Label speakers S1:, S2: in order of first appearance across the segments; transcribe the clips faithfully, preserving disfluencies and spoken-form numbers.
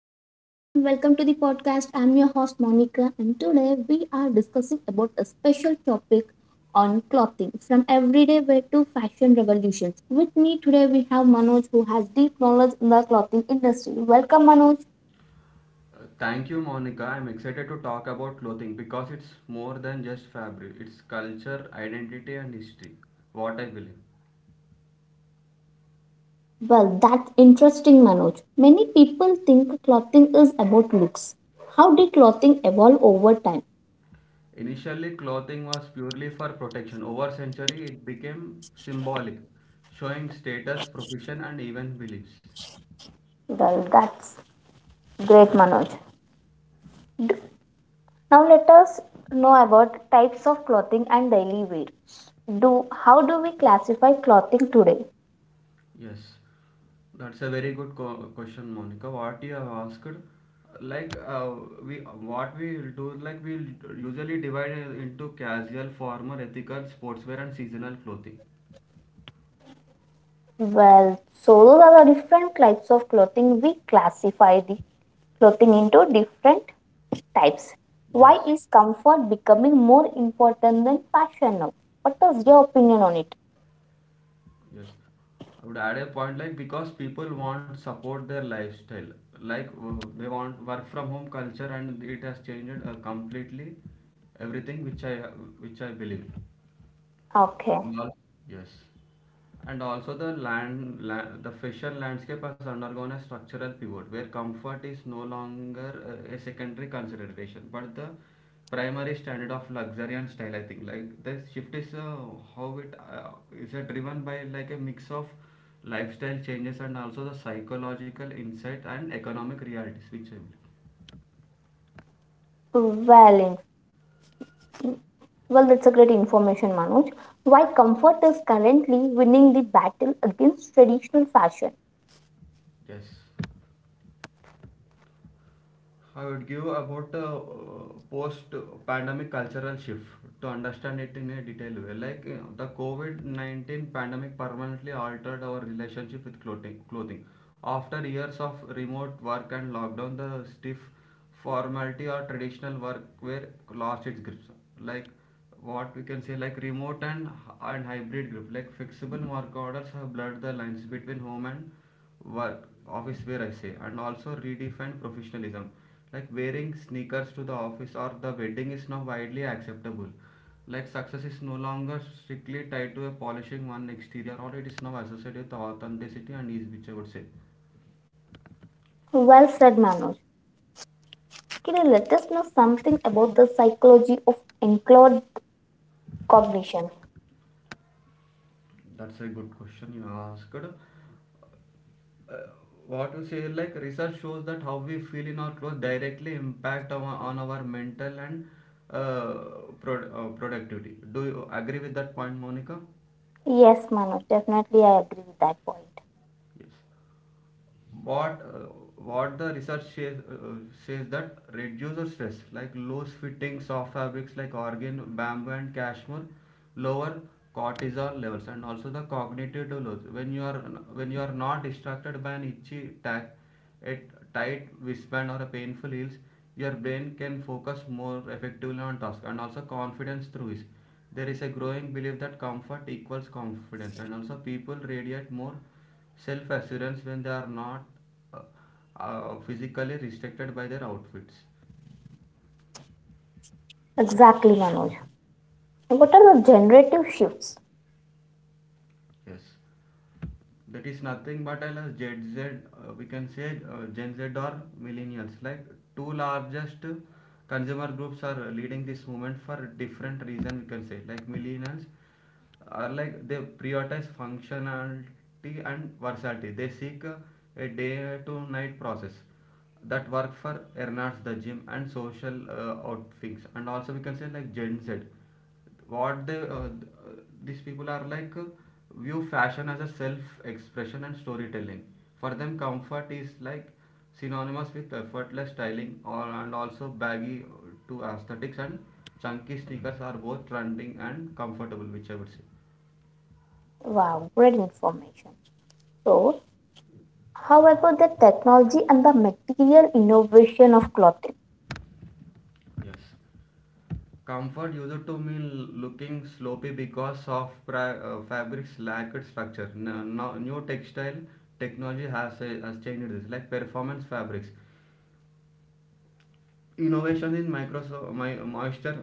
S1: Hello everyone, welcome to the podcast. I'm your host Monica, and today we are discussing about a special topic on clothing from everyday wear to fashion revolutions. With me today we have Manoj who has deep knowledge in the clothing industry. Welcome Manoj.
S2: Uh, Thank you, Monica. I'm excited to talk about clothing because it's more than just fabric, it's culture, identity, and history. What I believe.
S1: Well, that's interesting Manoj. Many people think clothing is about looks. How did clothing evolve over time?
S2: Initially, clothing was purely for protection. Over century, it became symbolic, showing status, profession, and even beliefs.
S1: Well, that's great Manoj. Now let us know about types of clothing and daily wear. Do how do we classify clothing today?
S2: Yes. That's a very good co- question, Monica. What you have asked, like uh, we what we will do, like we'll usually divide into casual, formal, ethical, sportswear, and seasonal clothing.
S1: Well, so those are the different types of clothing. We classify the clothing into different types. Why
S2: Yes,
S1: is comfort becoming more important than fashion now? What is your opinion on it?
S2: yes. I would add a point like because people want support their lifestyle, like uh, they want work from home culture, and it has changed uh, completely everything which I which I believe.
S1: Okay.
S2: And al- Yes. And also the land, la the fisher landscape has undergone a structural pivot where comfort is no longer uh, a secondary consideration, but the primary standard of luxury and style. I think like the shift is uh, how it uh, is uh, driven by like a mix of lifestyle changes and also the psychological insight and economic realities, which I believe.
S1: Well, in, well, that's a great information, Manoj. Why comfort is currently winning the battle against traditional fashion?
S2: Yes. I would give about a uh, post-pandemic cultural shift to understand it in a detailed way. Like you the COVID nineteen pandemic permanently altered our relationship with clothing. Clothing. After years of remote work and lockdown, the stiff formality or traditional work were lost its grip. Like what we can say, like remote and and hybrid grip. Like flexible work orders have blurred the lines between home and work office where I say, and also redefine professionalism, like wearing sneakers to the office or the wedding is now widely acceptable, like success is no longer strictly tied to a polishing one exterior, or it is now associated with authenticity and ease, which I would say.
S1: Well said, Manoj. Kiri, let us know something about the psychology of enclosed cognition.
S2: That's a good question you asked. Uh, what you say, like research shows that how we feel in our clothes directly impact on, on our mental and uh, pro- uh, productivity. Do you agree with that point, Monica?
S1: Yes, Manoj, definitely I agree with that point.
S2: Yes. what uh, what the research says, uh, says that reduces stress, like loose fitting soft fabrics like organ bamboo and cashmere lower cortisol levels, and also the cognitive loads. When you are when you are not distracted by an itchy tack, a tight wristband, or a painful heels, your brain can focus more effectively on task. And also confidence through is, there is a growing belief that comfort equals confidence, and also people radiate more self assurance when they are not uh, uh, physically restricted by their outfits.
S1: Exactly, Manoj. What are the generative shifts?
S2: Yes, that is nothing but as gen z, uh, we can say, uh, gen z or millennials, like two largest consumer groups are leading this movement for different reason. We can say like millennials are like they prioritize functionality and versatility. They seek uh, a day to night process that work for Ernards, the gym, and social uh, outfits. And also, we can say like Gen Z, what they uh, uh, these people are like uh, view fashion as a self expression and storytelling. For them, comfort is like synonymous with effortless styling, or, and also baggy to aesthetics and chunky sneakers are both trending and comfortable, which I would say.
S1: Wow, great information. So, how about the technology and the material innovation of clothing?
S2: Yes. Comfort used to mean looking sloppy because of pri- uh, fabrics lacked structure. N- no- new textile technology has, uh, has changed this, like performance fabrics innovation in Microsoft my, moisture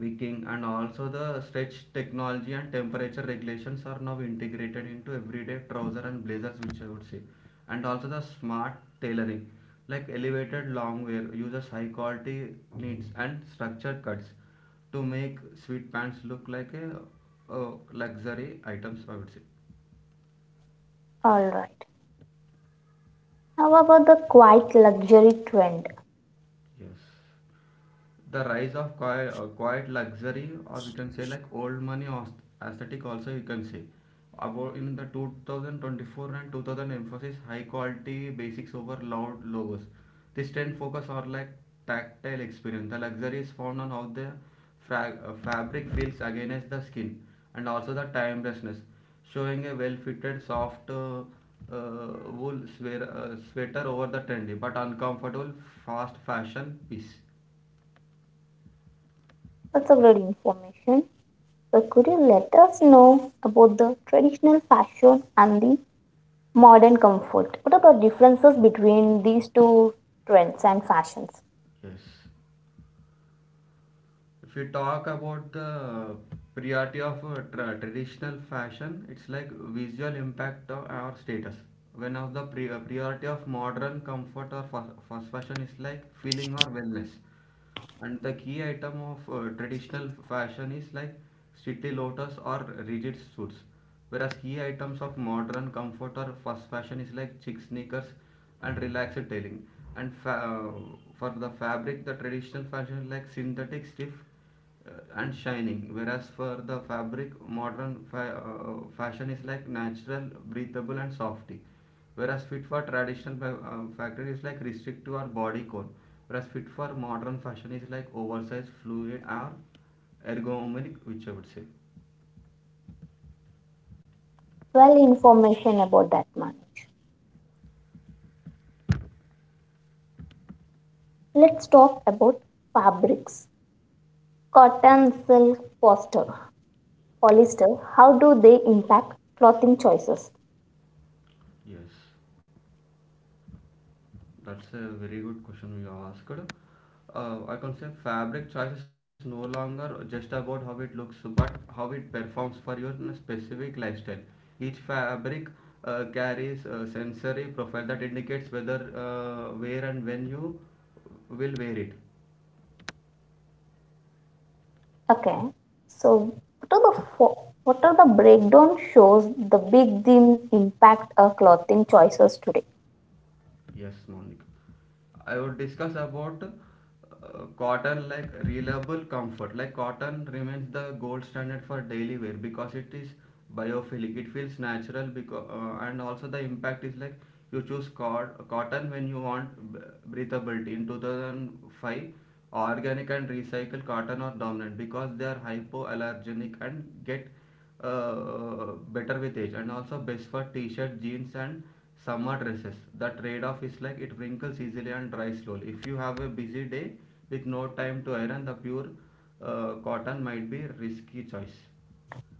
S2: wicking and also the stretch technology and temperature regulations are now integrated into everyday trouser and blazers, which I would say. And also the smart tailoring, like elevated long wear uses high quality needs and structured cuts to make sweet pants look like a, a luxury items, I would say.
S1: All right. How about the quiet luxury trend?
S2: Yes, the rise of quiet, uh, quiet luxury, or we can say like old money aus- aesthetic, also you can say about in the two thousand twenty-four and two thousand emphasis high quality basics over loud logos. This trend focus on like tactile experience. The luxury is found on how the fra- uh, fabric feels against the skin, and also the timelessness, showing a well fitted soft uh, uh, wool sweater, uh, sweater over the trendy but uncomfortable fast fashion piece.
S1: That's a great information. So, could you let us know about the traditional fashion and the modern comfort. What are the differences between these two trends and fashions?
S2: Yes. If we talk about the priority of uh, tra- traditional fashion, it's like visual impact of our status. When of the pri- uh, priority of modern comfort or fast, fast fashion is like feeling or wellness. And the key item of uh, traditional fashion is like city lotus or rigid suits, whereas key items of modern comfort or fast fashion is like chic sneakers and relaxed tailing. And fa- uh, for the fabric, the traditional fashion is like synthetic stiff uh, and shining, whereas for the fabric, modern fa- uh, fashion is like natural, breathable, and softy, whereas fit for traditional fa- um, factor is like restrict to our body core, whereas fit for modern fashion is like oversized fluid or ergonomic, which I would say.
S1: Well, information about that much. Let's talk about fabrics. Cotton, silk, poster, polyester. How do they impact clothing choices?
S2: Yes, that's a very good question you asked. Uh, i can say fabric choice is no longer just about how it looks but how it performs for your specific lifestyle. Each fabric uh, carries a sensory profile that indicates whether uh, where and when you will wear it.
S1: Okay. So, what are the fo- what are the breakdown shows the big theme impact our clothing choices today?
S2: Yes, Monica. I would discuss about uh, cotton like reliable comfort. Like cotton remains the gold standard for daily wear because it is biophilic. It feels natural because uh, and also the impact is like you choose cot- cotton when you want b- breathability. In two thousand five, organic and recycled cotton are dominant because they are hypoallergenic and get uh, better with age, and also best for t-shirt jeans and summer dresses. The trade-off is like it wrinkles easily and dries slowly. If you have a busy day with no time to iron, the pure uh, cotton might be a risky choice.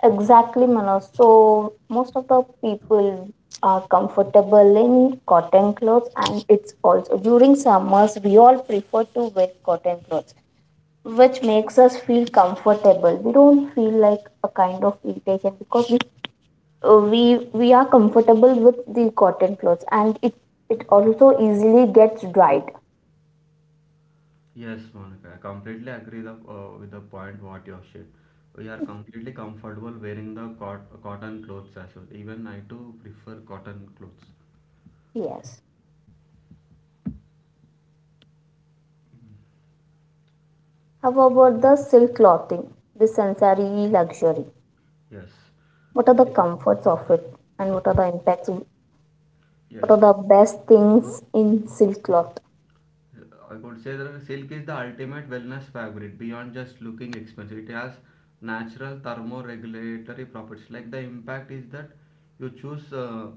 S1: Exactly, Manoj. So most of the people are comfortable in cotton clothes, and it's also during summers we all prefer to wear cotton clothes, which makes us feel comfortable. We don't feel like a kind of irritation because we uh, we we are comfortable with the cotton clothes, and it it also easily gets dried.
S2: Yes, Monica, I completely agree the, uh, with the point what you have shared. We are completely comfortable wearing the cot- cotton clothes as well. Even I too prefer cotton clothes.
S1: Yes. How about the silk clothing, the sensory luxury?
S2: yes
S1: What are the comforts of it, and what are the impacts
S2: yes
S1: what are the best things in silk cloth?
S2: I could say that silk is the ultimate wellness fabric beyond just looking expensive. It has natural thermoregulatory properties. Like the impact is that you choose uh,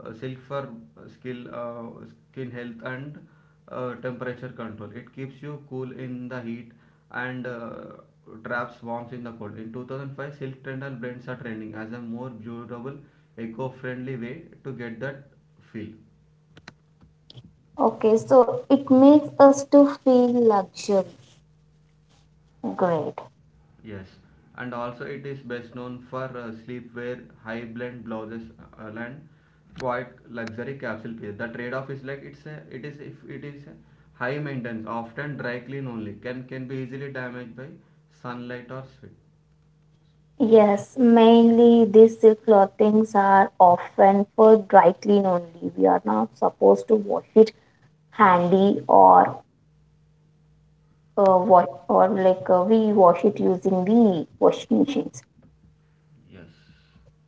S2: uh, silk for skill, uh, skin health and uh, temperature control. It keeps you cool in the heat and uh, traps warmth in the cold. In two thousand five, silk trendal brands are trending as a more durable, eco-friendly way to get that feel.
S1: Okay, so it makes us to feel luxury. Great.
S2: Yes, and also it is best known for uh, sleepwear, high blend blouses, uh, and quite luxury capsule piece. The trade-off is like it's a, it is, if it is a high maintenance, often dry clean only, can can be easily damaged by sunlight or sweat.
S1: Yes, mainly these silk clothings are often for dry clean only. We are not supposed to wash it handy or uh, what or like uh, we wash it using the washing machines.
S2: Yes,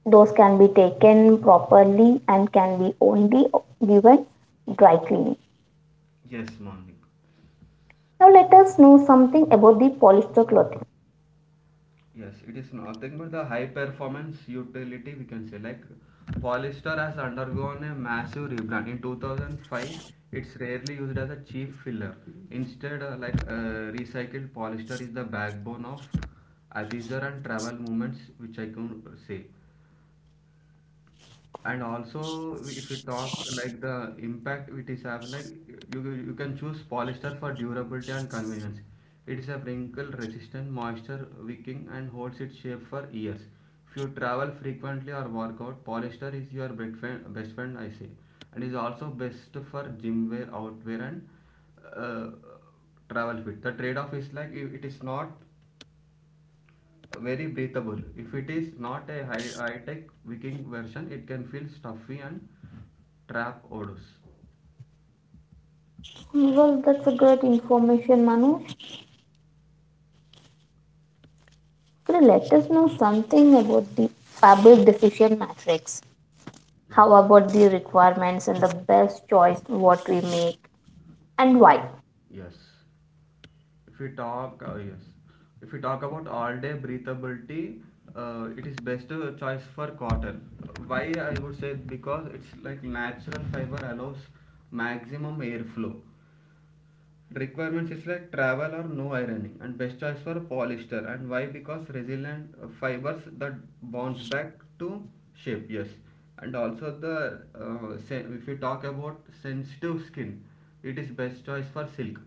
S1: Those can be taken properly and can be only given dry cleaning.
S2: yes, Monica.
S1: Now let us know something about the polyester clothing.
S2: Yes, it is nothing but the high performance utility, we can say. Like Polystar has undergone a massive rebrand in two thousand five. It's rarely used as a cheap filler. Instead, uh, like uh, recycled polyester is the backbone of Adizar and travel movements, which I can say. And also if you talk like the impact it is have like you, you can choose polyester for durability and convenience. It is a wrinkle resistant, moisture wicking, and holds its shape for years. If you travel frequently or work out, polyester is your best friend, best friend, I say. And is also best for gym wear, outwear, and uh, travel fit. The trade off is like it it is not very breathable. If it is not a high high tech Viking version, it can feel stuffy and trap odors.
S1: Well, that's a great information, Manu. Could you let us know something about the fabric decision matrix?
S2: Yes,
S1: How about the requirements and the best choice what we make and why?
S2: yes. If we talk, uh, yes. If we talk about all day breathability, uh, it is best uh, choice for cotton. Why, I would say, because it's like natural fiber allows maximum airflow. Requirements is like travel or no ironing, and best choice for polyester, and why, because resilient uh, fibers that bounce back to shape. Yes. And also the, uh, if you talk about sensitive skin, it is best choice for silk.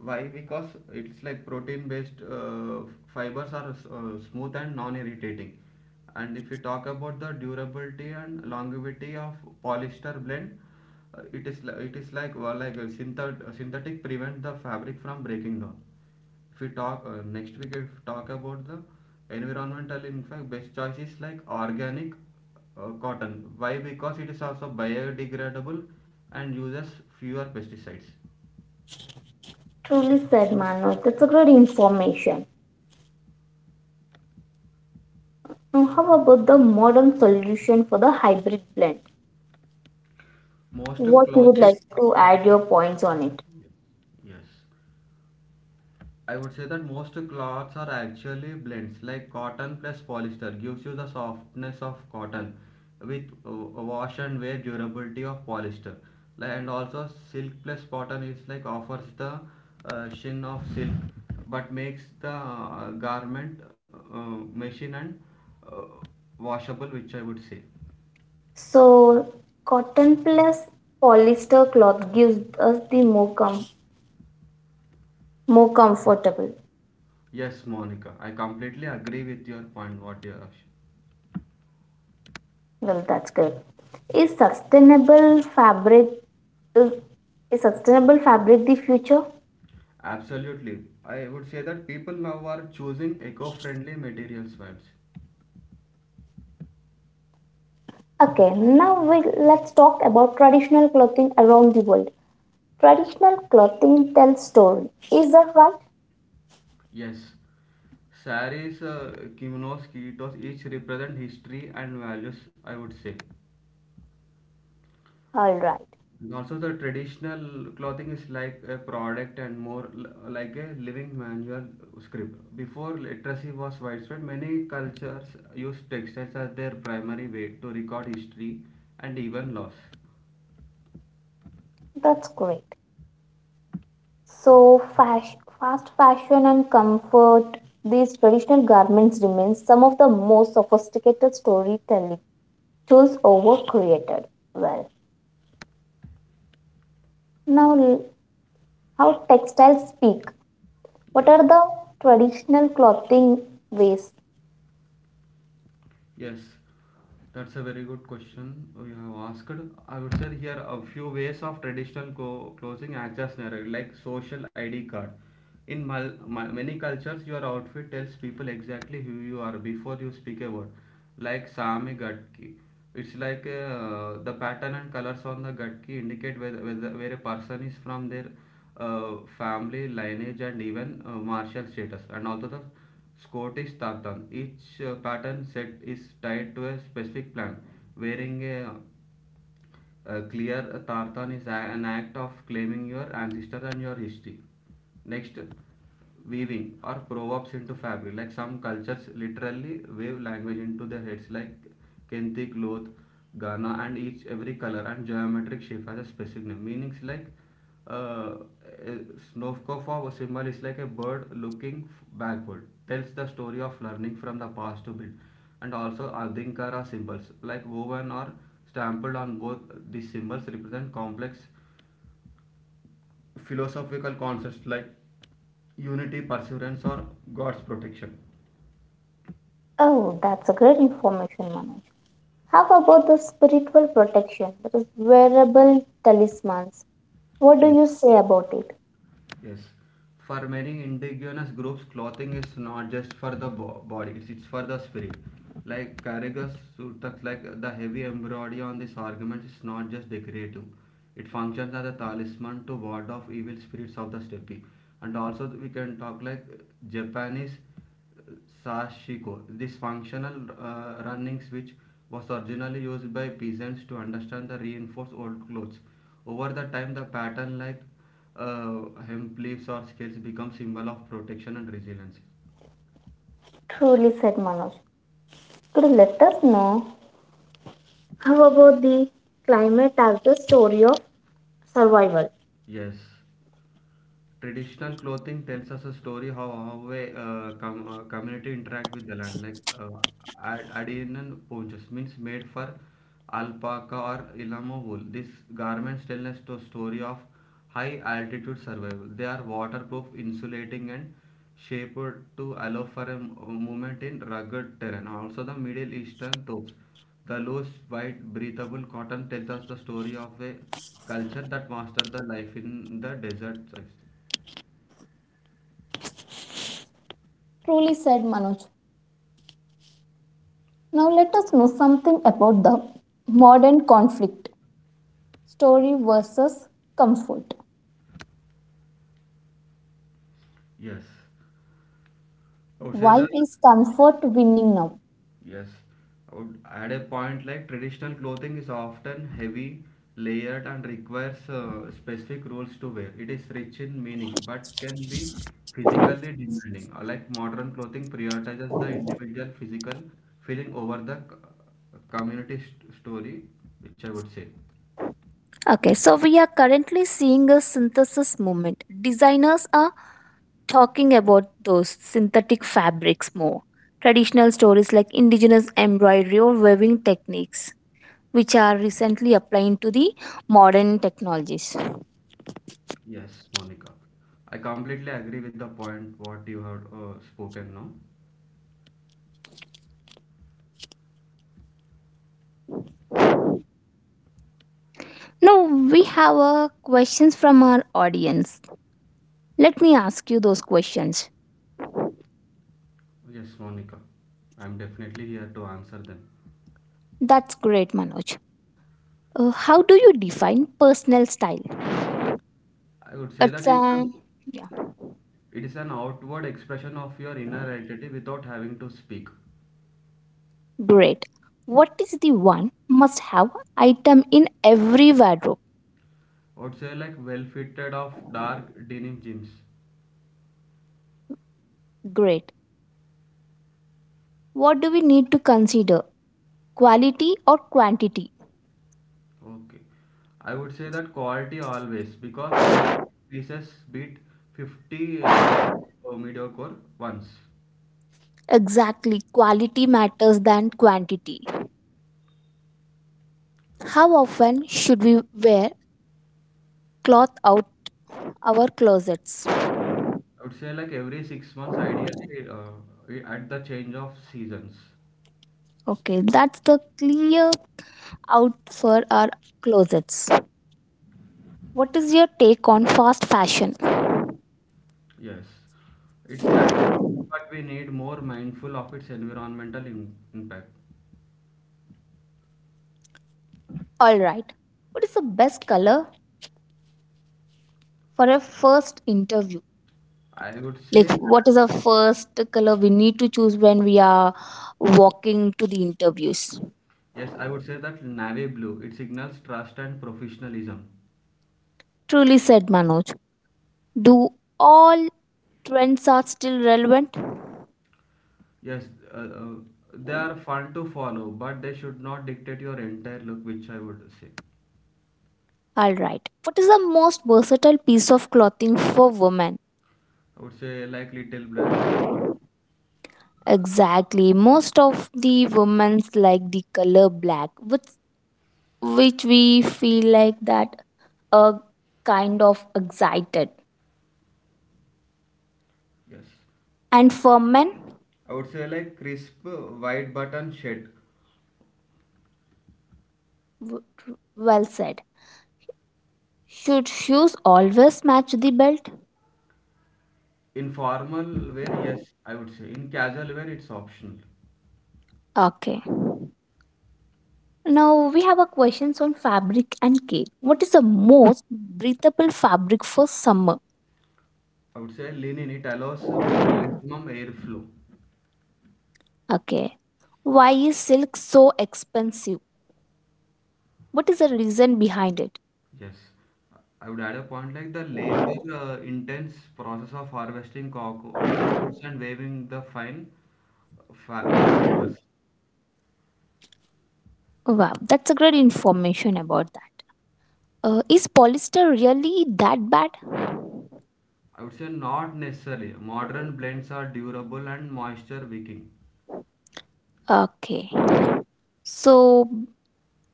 S2: Why? Because it's like protein based uh, fibers are uh, smooth and non irritating. And if you talk about the durability and longevity of polyester blend, uh, it is li- it is like well, like uh, synthet- uh, synthetic prevents the fabric from breaking down. If we talk uh, next week, if we talk about the environmental impact, best choice is like organic uh, cotton. Why? Because it is also biodegradable and uses fewer pesticides.
S1: Truly said, Manu. That's a great information. Now, how about the modern solution for the hybrid blend?
S2: Most
S1: What you would
S2: clothes,
S1: like to add your points on it?
S2: yes. I would say that most cloths are actually blends, like cotton plus polyester gives you the softness of cotton with uh, wash and wear durability of polyester. Like, and also silk plus cotton is like offers the uh, sheen of silk, but makes the uh, garment uh, machine and uh, washable, which I would say.
S1: So, cotton plus polyester cloth gives us the more com- more comfortable.
S2: Yes, Monica, I completely agree with your point what you are saying.
S1: Well, that's good. Is sustainable fabric is, is sustainable fabric the future?
S2: Absolutely. I would say that people now are choosing eco-friendly materials vibes.
S1: Okay, now we, let's talk about traditional clothing around the world. Traditional clothing tells story. Is that right?
S2: Yes. Saris, uh, kimonos, kitos, each represent history and values, I would say.
S1: All right,
S2: And also the traditional clothing is like a product and more l- like a living manual script. Before literacy was widespread, many cultures used textiles as their primary way to record history and even loss.
S1: that's great. So fas- fast fashion and comfort. These traditional garments remain some of the most sophisticated storytelling tools over created. Well, now l- how textiles speak. What
S2: Yes.
S1: are the traditional clothing ways?
S2: Yes, that's a very good question you have asked. I would say here a few ways of traditional co- closing access narrative, like social I D card. In mal- ma- many cultures, your outfit tells people exactly who you are before you speak a word, like Sami Gatki. It's like uh, the pattern and colors on the Gatki indicate whether, whether, where a person is from, their uh, family, lineage, and even uh, martial status. And also the Scottish tartan. Each uh, pattern set is tied to a specific plant. Wearing a, a clear tartan is a, an act of claiming your ancestors and your history. Next, weaving or proverbs into fabric. Like some cultures literally weave language into their heads, like Kente cloth, Ghana, and each every color and geometric shape has a specific name. Meanings like uh, eh, Snovkova symbol is like a bird looking backward, tells the story of learning from the past to build. And also Adinkara symbols, like woven or stamped on both these symbols, represent complex philosophical concepts like unity, perseverance, or God's protection.
S1: Oh, that's a great information, Manoj. How about the spiritual protection, that is wearable talismans? What do
S2: Yes.
S1: you say about it?
S2: Yes. For many indigenous groups, clothing is not just for the bo- body, it's, it's for the spirit. Like Karigas Sultaks, like the heavy embroidery on this argument is not just decorative. It functions as a talisman to ward off evil spirits of the steppe. And also we can talk like Japanese sashiko. This functional uh, running switch was originally used by peasants to understand the reinforced old clothes. Over the time, the pattern like uh, hemp leaves or scales become symbol of protection and resilience.
S1: Truly said Manoj. Could you let us know? How about the climate as the story of survival?
S2: Yes. Traditional clothing tells us a story how how a uh, com uh, community interact with the land like uh, Ad- Adinan ponchos means made for alpaca or Illamo wool. These garments tell us the story of high altitude survival. They are waterproof, insulating, and shaped to allow for a m- uh, movement in rugged terrain. Also, the Middle Eastern tops. The loose, white, breathable cotton tells us the story of a culture that mastered the life in the desert.
S1: Truly said Manoj. Now let us know something about the modern conflict story versus comfort.
S2: Yes, I would say
S1: Why
S2: that.
S1: is comfort winning now?
S2: Yes, I would add a point like traditional clothing is often heavy, layered, and requires uh, specific rules to wear. It is rich in meaning but can be physically demanding. Uh, Like modern clothing prioritizes the individual physical feeling over the c- community st- story, which I would say.
S1: Okay, so we are currently seeing a synthesis movement. Designers are talking about those synthetic fabrics more. Traditional stories like indigenous embroidery or weaving techniques, which are recently applying to the modern technologies.
S2: Yes, Monica. I completely agree with the point what you have uh, spoken now.
S1: Now, we have uh, questions from our audience. Let me ask you those questions.
S2: Yes, Monica. I'm definitely here to answer them.
S1: That's great, Manoj. Uh, how do you define personal style?
S2: I would say that
S1: It's
S2: it's an,
S1: an.
S2: it is an outward expression of your inner identity without having to speak.
S1: Great. What is the one must have item in every wardrobe?
S2: I would say like well fitted of dark denim jeans.
S1: Great. What do we need to consider? Quality or quantity?
S2: Okay. I would say that quality always because ten pieces beat fifty uh, uh, mediocre ones.
S1: Exactly. Quality matters than quantity.
S2: So,
S1: How often should we wear cloth out our closets?
S2: I would say like every six months ideally uh, at the change of seasons.
S1: Okay, that's the clear out for our closets. What is your take on fast fashion?
S2: Yes. It's the action, but we need more mindful of its environmental im- impact.
S1: All right. What is the best color for a first interview?
S2: I would
S1: Like
S2: say,
S1: what is the first color we need to choose when we are walking to the interviews?
S2: yes, I would say that navy blue, it signals trust and professionalism.
S1: Truly said Manoj. Do all trends are still relevant?
S2: Yes, uh, uh, they are fun to follow, but they should not dictate your entire look, which I would say.
S1: All right, what is the most versatile piece of clothing for women?
S2: I would say like little black, dress,
S1: Exactly, most of the women's like the color black, which which we feel like that a kind of excited.
S2: yes.
S1: And for men,
S2: I would say like crisp uh, white button shirt.
S1: w- well said. Should shoes always match the belt?
S2: In formal wear, yes, I would say. In casual wear, it's optional.
S1: Okay. Now we have a questions on fabric and cake. What is the most breathable fabric for summer?
S2: I would say linen, it allows uh, maximum airflow.
S1: Okay. Why is silk so expensive? What is the reason behind it?
S2: Yes, I would add a point like the labor uh, intense process of harvesting coco- uh, cocoons and weaving the fine uh, fi- uh, fibers.
S1: Wow, that's a great information about that. Uh, is polyester really that bad?
S2: I would say not necessarily. Modern blends are durable and moisture wicking.
S1: Okay. So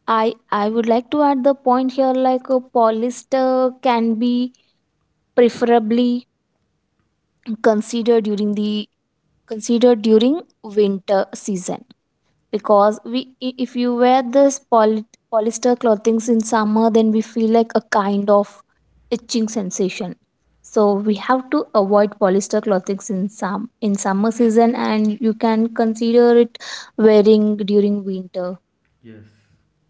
S1: I I would like to add the point here like a polyester can be preferably considered during the considered during winter season because we i- if you wear this poly, polyester clothing in summer, then we feel like a kind of itching sensation, so we have to avoid polyester clothing in some in summer season, and you can consider it wearing during winter.
S2: Yes,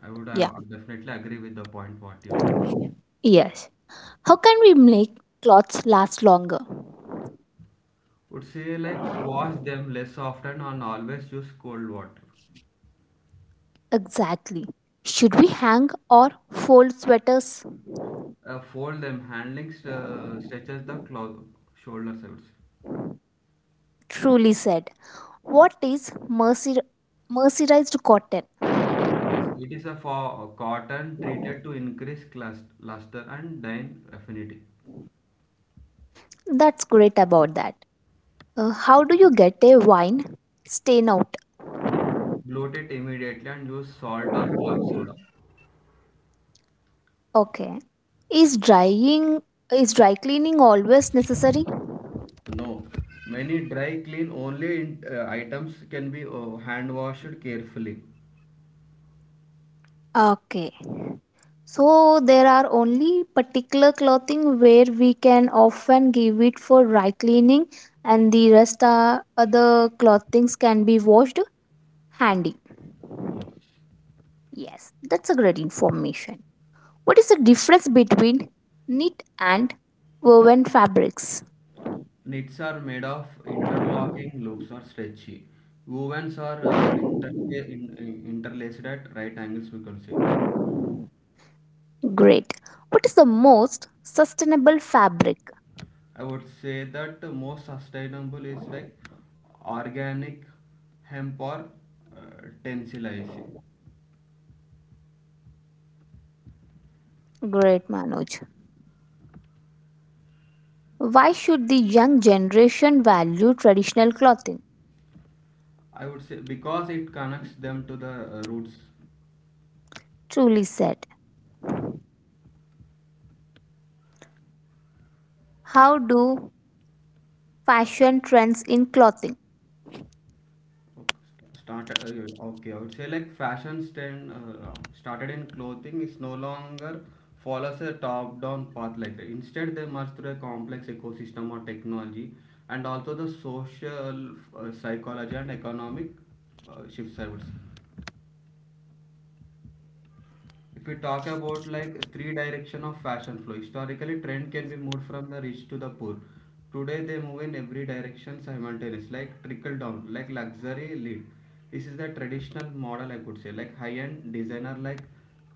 S2: I would uh, definitely agree with the point what you
S1: yeah yes, how can we make clothes last longer?
S2: would say. Like wash them less often and always use cold water.
S1: Exactly. Should we hang or fold sweaters?
S2: Uh, fold them. Handling st- uh, stretches the clo- shoulders. I would say.
S1: Truly said. What is mercer- mercerized cotton?
S2: Yes, it is a for uh, cotton treated to increase clus- luster and dyeing affinity.
S1: That's great about that. Uh, how do you get a wine stain out?
S2: Bloat it immediately and use salt or club soda.
S1: Okay. Is drying is dry cleaning always necessary?
S2: No, many dry clean only in, uh, items can be uh, hand washed carefully.
S1: Okay. So there are only particular clothing where we can often give it for dry cleaning, and the rest are other clothings can be washed handy.
S2: Yes.
S1: Yes, that's a great information. What is the difference between knit and woven fabrics?
S2: Knits are made of interlocking loops or stretchy. Wovens are uh, interfa- in, in- interlaced at right angles, we can say.
S1: Great. What is the most sustainable fabric?
S2: I would say that the most sustainable is like organic hemp or uh, tensilage.
S1: Great, Manoj. Why should the young generation value traditional clothing?
S2: I would say because it connects them to the uh, roots.
S1: Truly said. How do fashion trends in clothing?
S2: Okay, started, uh, okay, I would say like fashion stand uh, started in clothing is no longer follows a top-down path like that. Instead, they merge through a complex ecosystem or technology and also the social, uh, psychology and economic uh, shifts. I would say. If we talk about like three direction of fashion flow, historically trend can be moved from the rich to the poor. Today they move in every direction simultaneous, like trickle down, like luxury lead. This is the traditional model I could say, like high-end designer like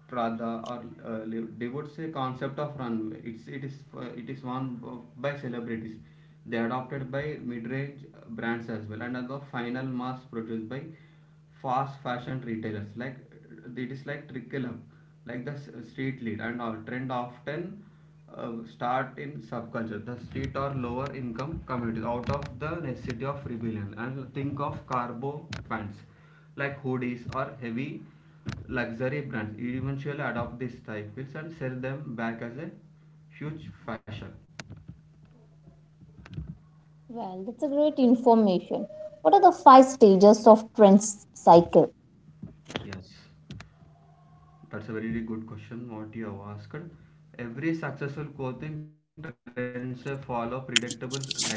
S2: Prada or uh, Li- they would say concept of runway. It's it is uh, it is worn by celebrities. They adopted by mid-range brands as well, and are the final mass produced by fast fashion retailers like uh, it is like trickle up like the s- street lead and our trend often uh, start in subculture the street or lower income communities out of the necessity of rebellion and think of carbo pants like hoodies or heavy luxury brands eventually adopt these styles and sell them back as a huge fashion.
S1: Well, that's a great information. What are the five stages of trends cycle?
S2: Yes. That's a very very good question what you have asked. Every successful coaching trends a follow predictable life cycle itself.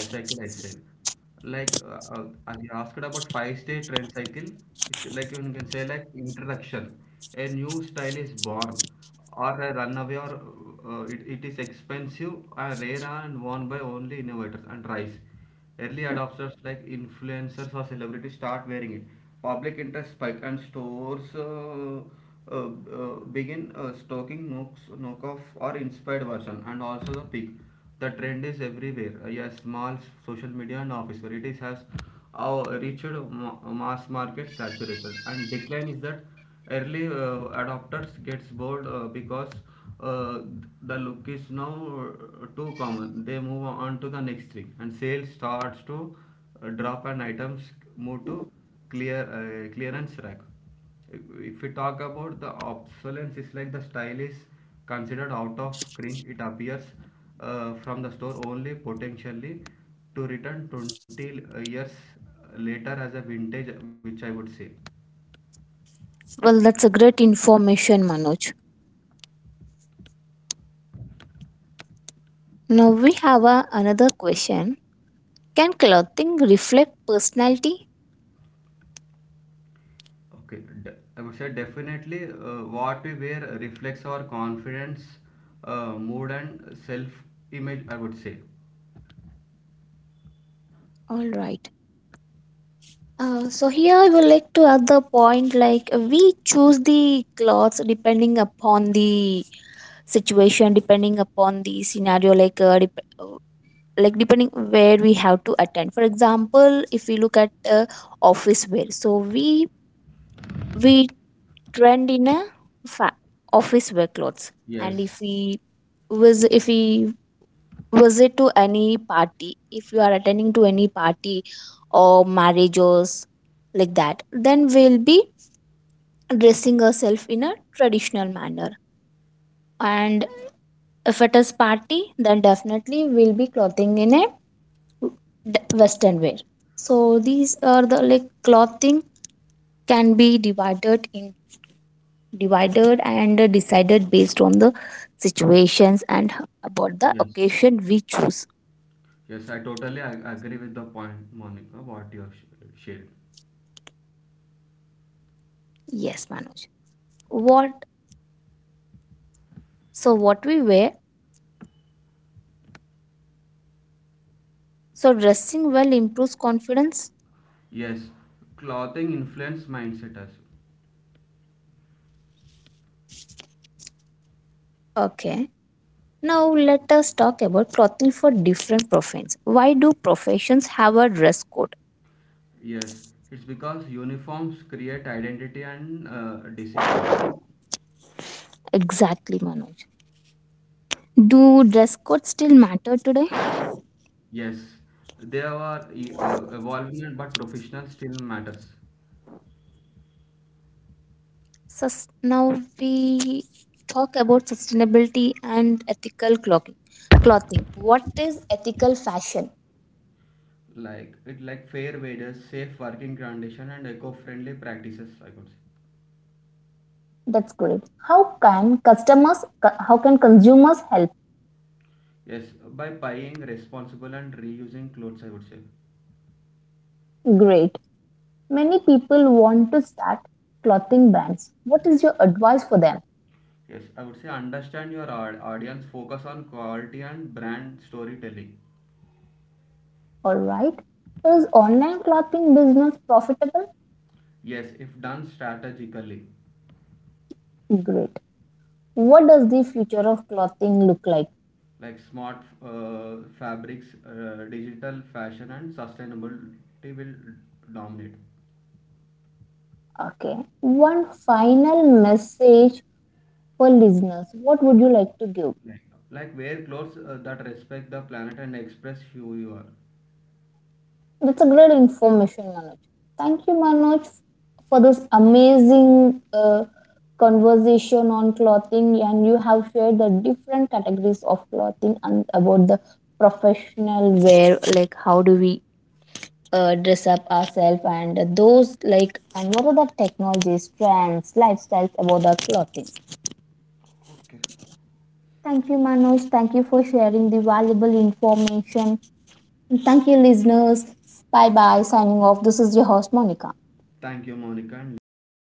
S2: Like uh, uh, as you asked about five stage trend cycle, it's like you can say like introduction. A new style is born or a runaway or uh, it, it is expensive, uh, rare and worn by only innovators and rise. Early adopters like influencers or celebrities start wearing it. Public interest spike and stores uh, uh, uh, begin uh, stocking knocks, knockoff or inspired version and also the peak. The trend is everywhere. Uh, yes, small social media and office where it is has uh, reached ma- mass market saturation and decline is that early uh, adopters gets bored uh, because uh, the look is now uh, too common. They move on to the next thing, and sales starts to uh, drop, and items move to clear uh, clearance rack. If we talk about the obsolescence, it's like the style is considered out of print. It appears uh, from the store only potentially to return twenty years later as a vintage, which I would say.
S1: Well, that's a great information, Manoj. Now we have a, another question. Can clothing reflect personality?
S2: Okay, de- I would say definitely uh, what we wear reflects our confidence, uh, mood, and self image. I would say.
S1: All right. Uh, so here I would like to add the point like we choose the clothes depending upon the situation, depending upon the scenario, like uh, dep- uh, like depending where we have to attend. For example, if we look at uh, office wear, so we we trend in a fa- office wear clothes. And
S2: Yes,
S1: if we was if we visit to any party, if you are attending to any party or marriages like that, then we'll be dressing ourselves in a traditional manner. And if it is party, then definitely we'll be clothing in a d- western wear. So these are the like clothing can be divided in divided and decided based on the situations and h- about the
S2: yes,
S1: occasion we choose.
S2: yes. I totally ag- agree with the point, Monica. What you have sh- shared.
S1: Yes, Manoj. What so what we wear? So dressing well improves confidence.
S2: Yes, clothing influence mindset as well.
S1: Okay. Now let us talk about clothing for different professions. Why do professions have a dress code?
S2: Yes, it's because uniforms create identity and uh, discipline.
S1: Exactly, Manoj. Do dress codes still matter today?
S2: Yes, they are e- uh, evolving, but professional still matters.
S1: Sus- now we talk about sustainability and ethical clothing. Clothing. What is ethical fashion?
S2: Like it like fair wages, safe working conditions, and eco-friendly practices, I could say.
S1: That's great. How can customers? co- How can consumers help?
S2: Yes, by buying responsible and reusing clothes, I would say.
S1: Great. Many people want to start clothing brands. What is your advice for them?
S2: Yes, I would say understand your au- audience, focus on quality and brand storytelling.
S1: All right. Is online clothing business profitable?
S2: Yes, if done strategically.
S1: Great. What does the future of clothing look like?
S2: Like smart uh, fabrics, uh, digital fashion, and sustainability will dominate.
S1: Okay. One final message for listeners. What would you like to give?
S2: like, like wear clothes uh, that respect the planet and express who you are.
S1: That's a great information, Manoj. Thank you, Manoj, for this amazing uh, conversation on clothing. And you have shared the different categories of clothing and about the professional wear, like how do we uh, dress up ourselves, and those like, and what are the technologies, trends, lifestyles about the clothing.
S2: Okay.
S1: Thank you, Manoj. Thank you for sharing the valuable information. And thank you, listeners. Bye bye. Signing off. This is your host, Monica.
S2: Thank you, Monica and listeners.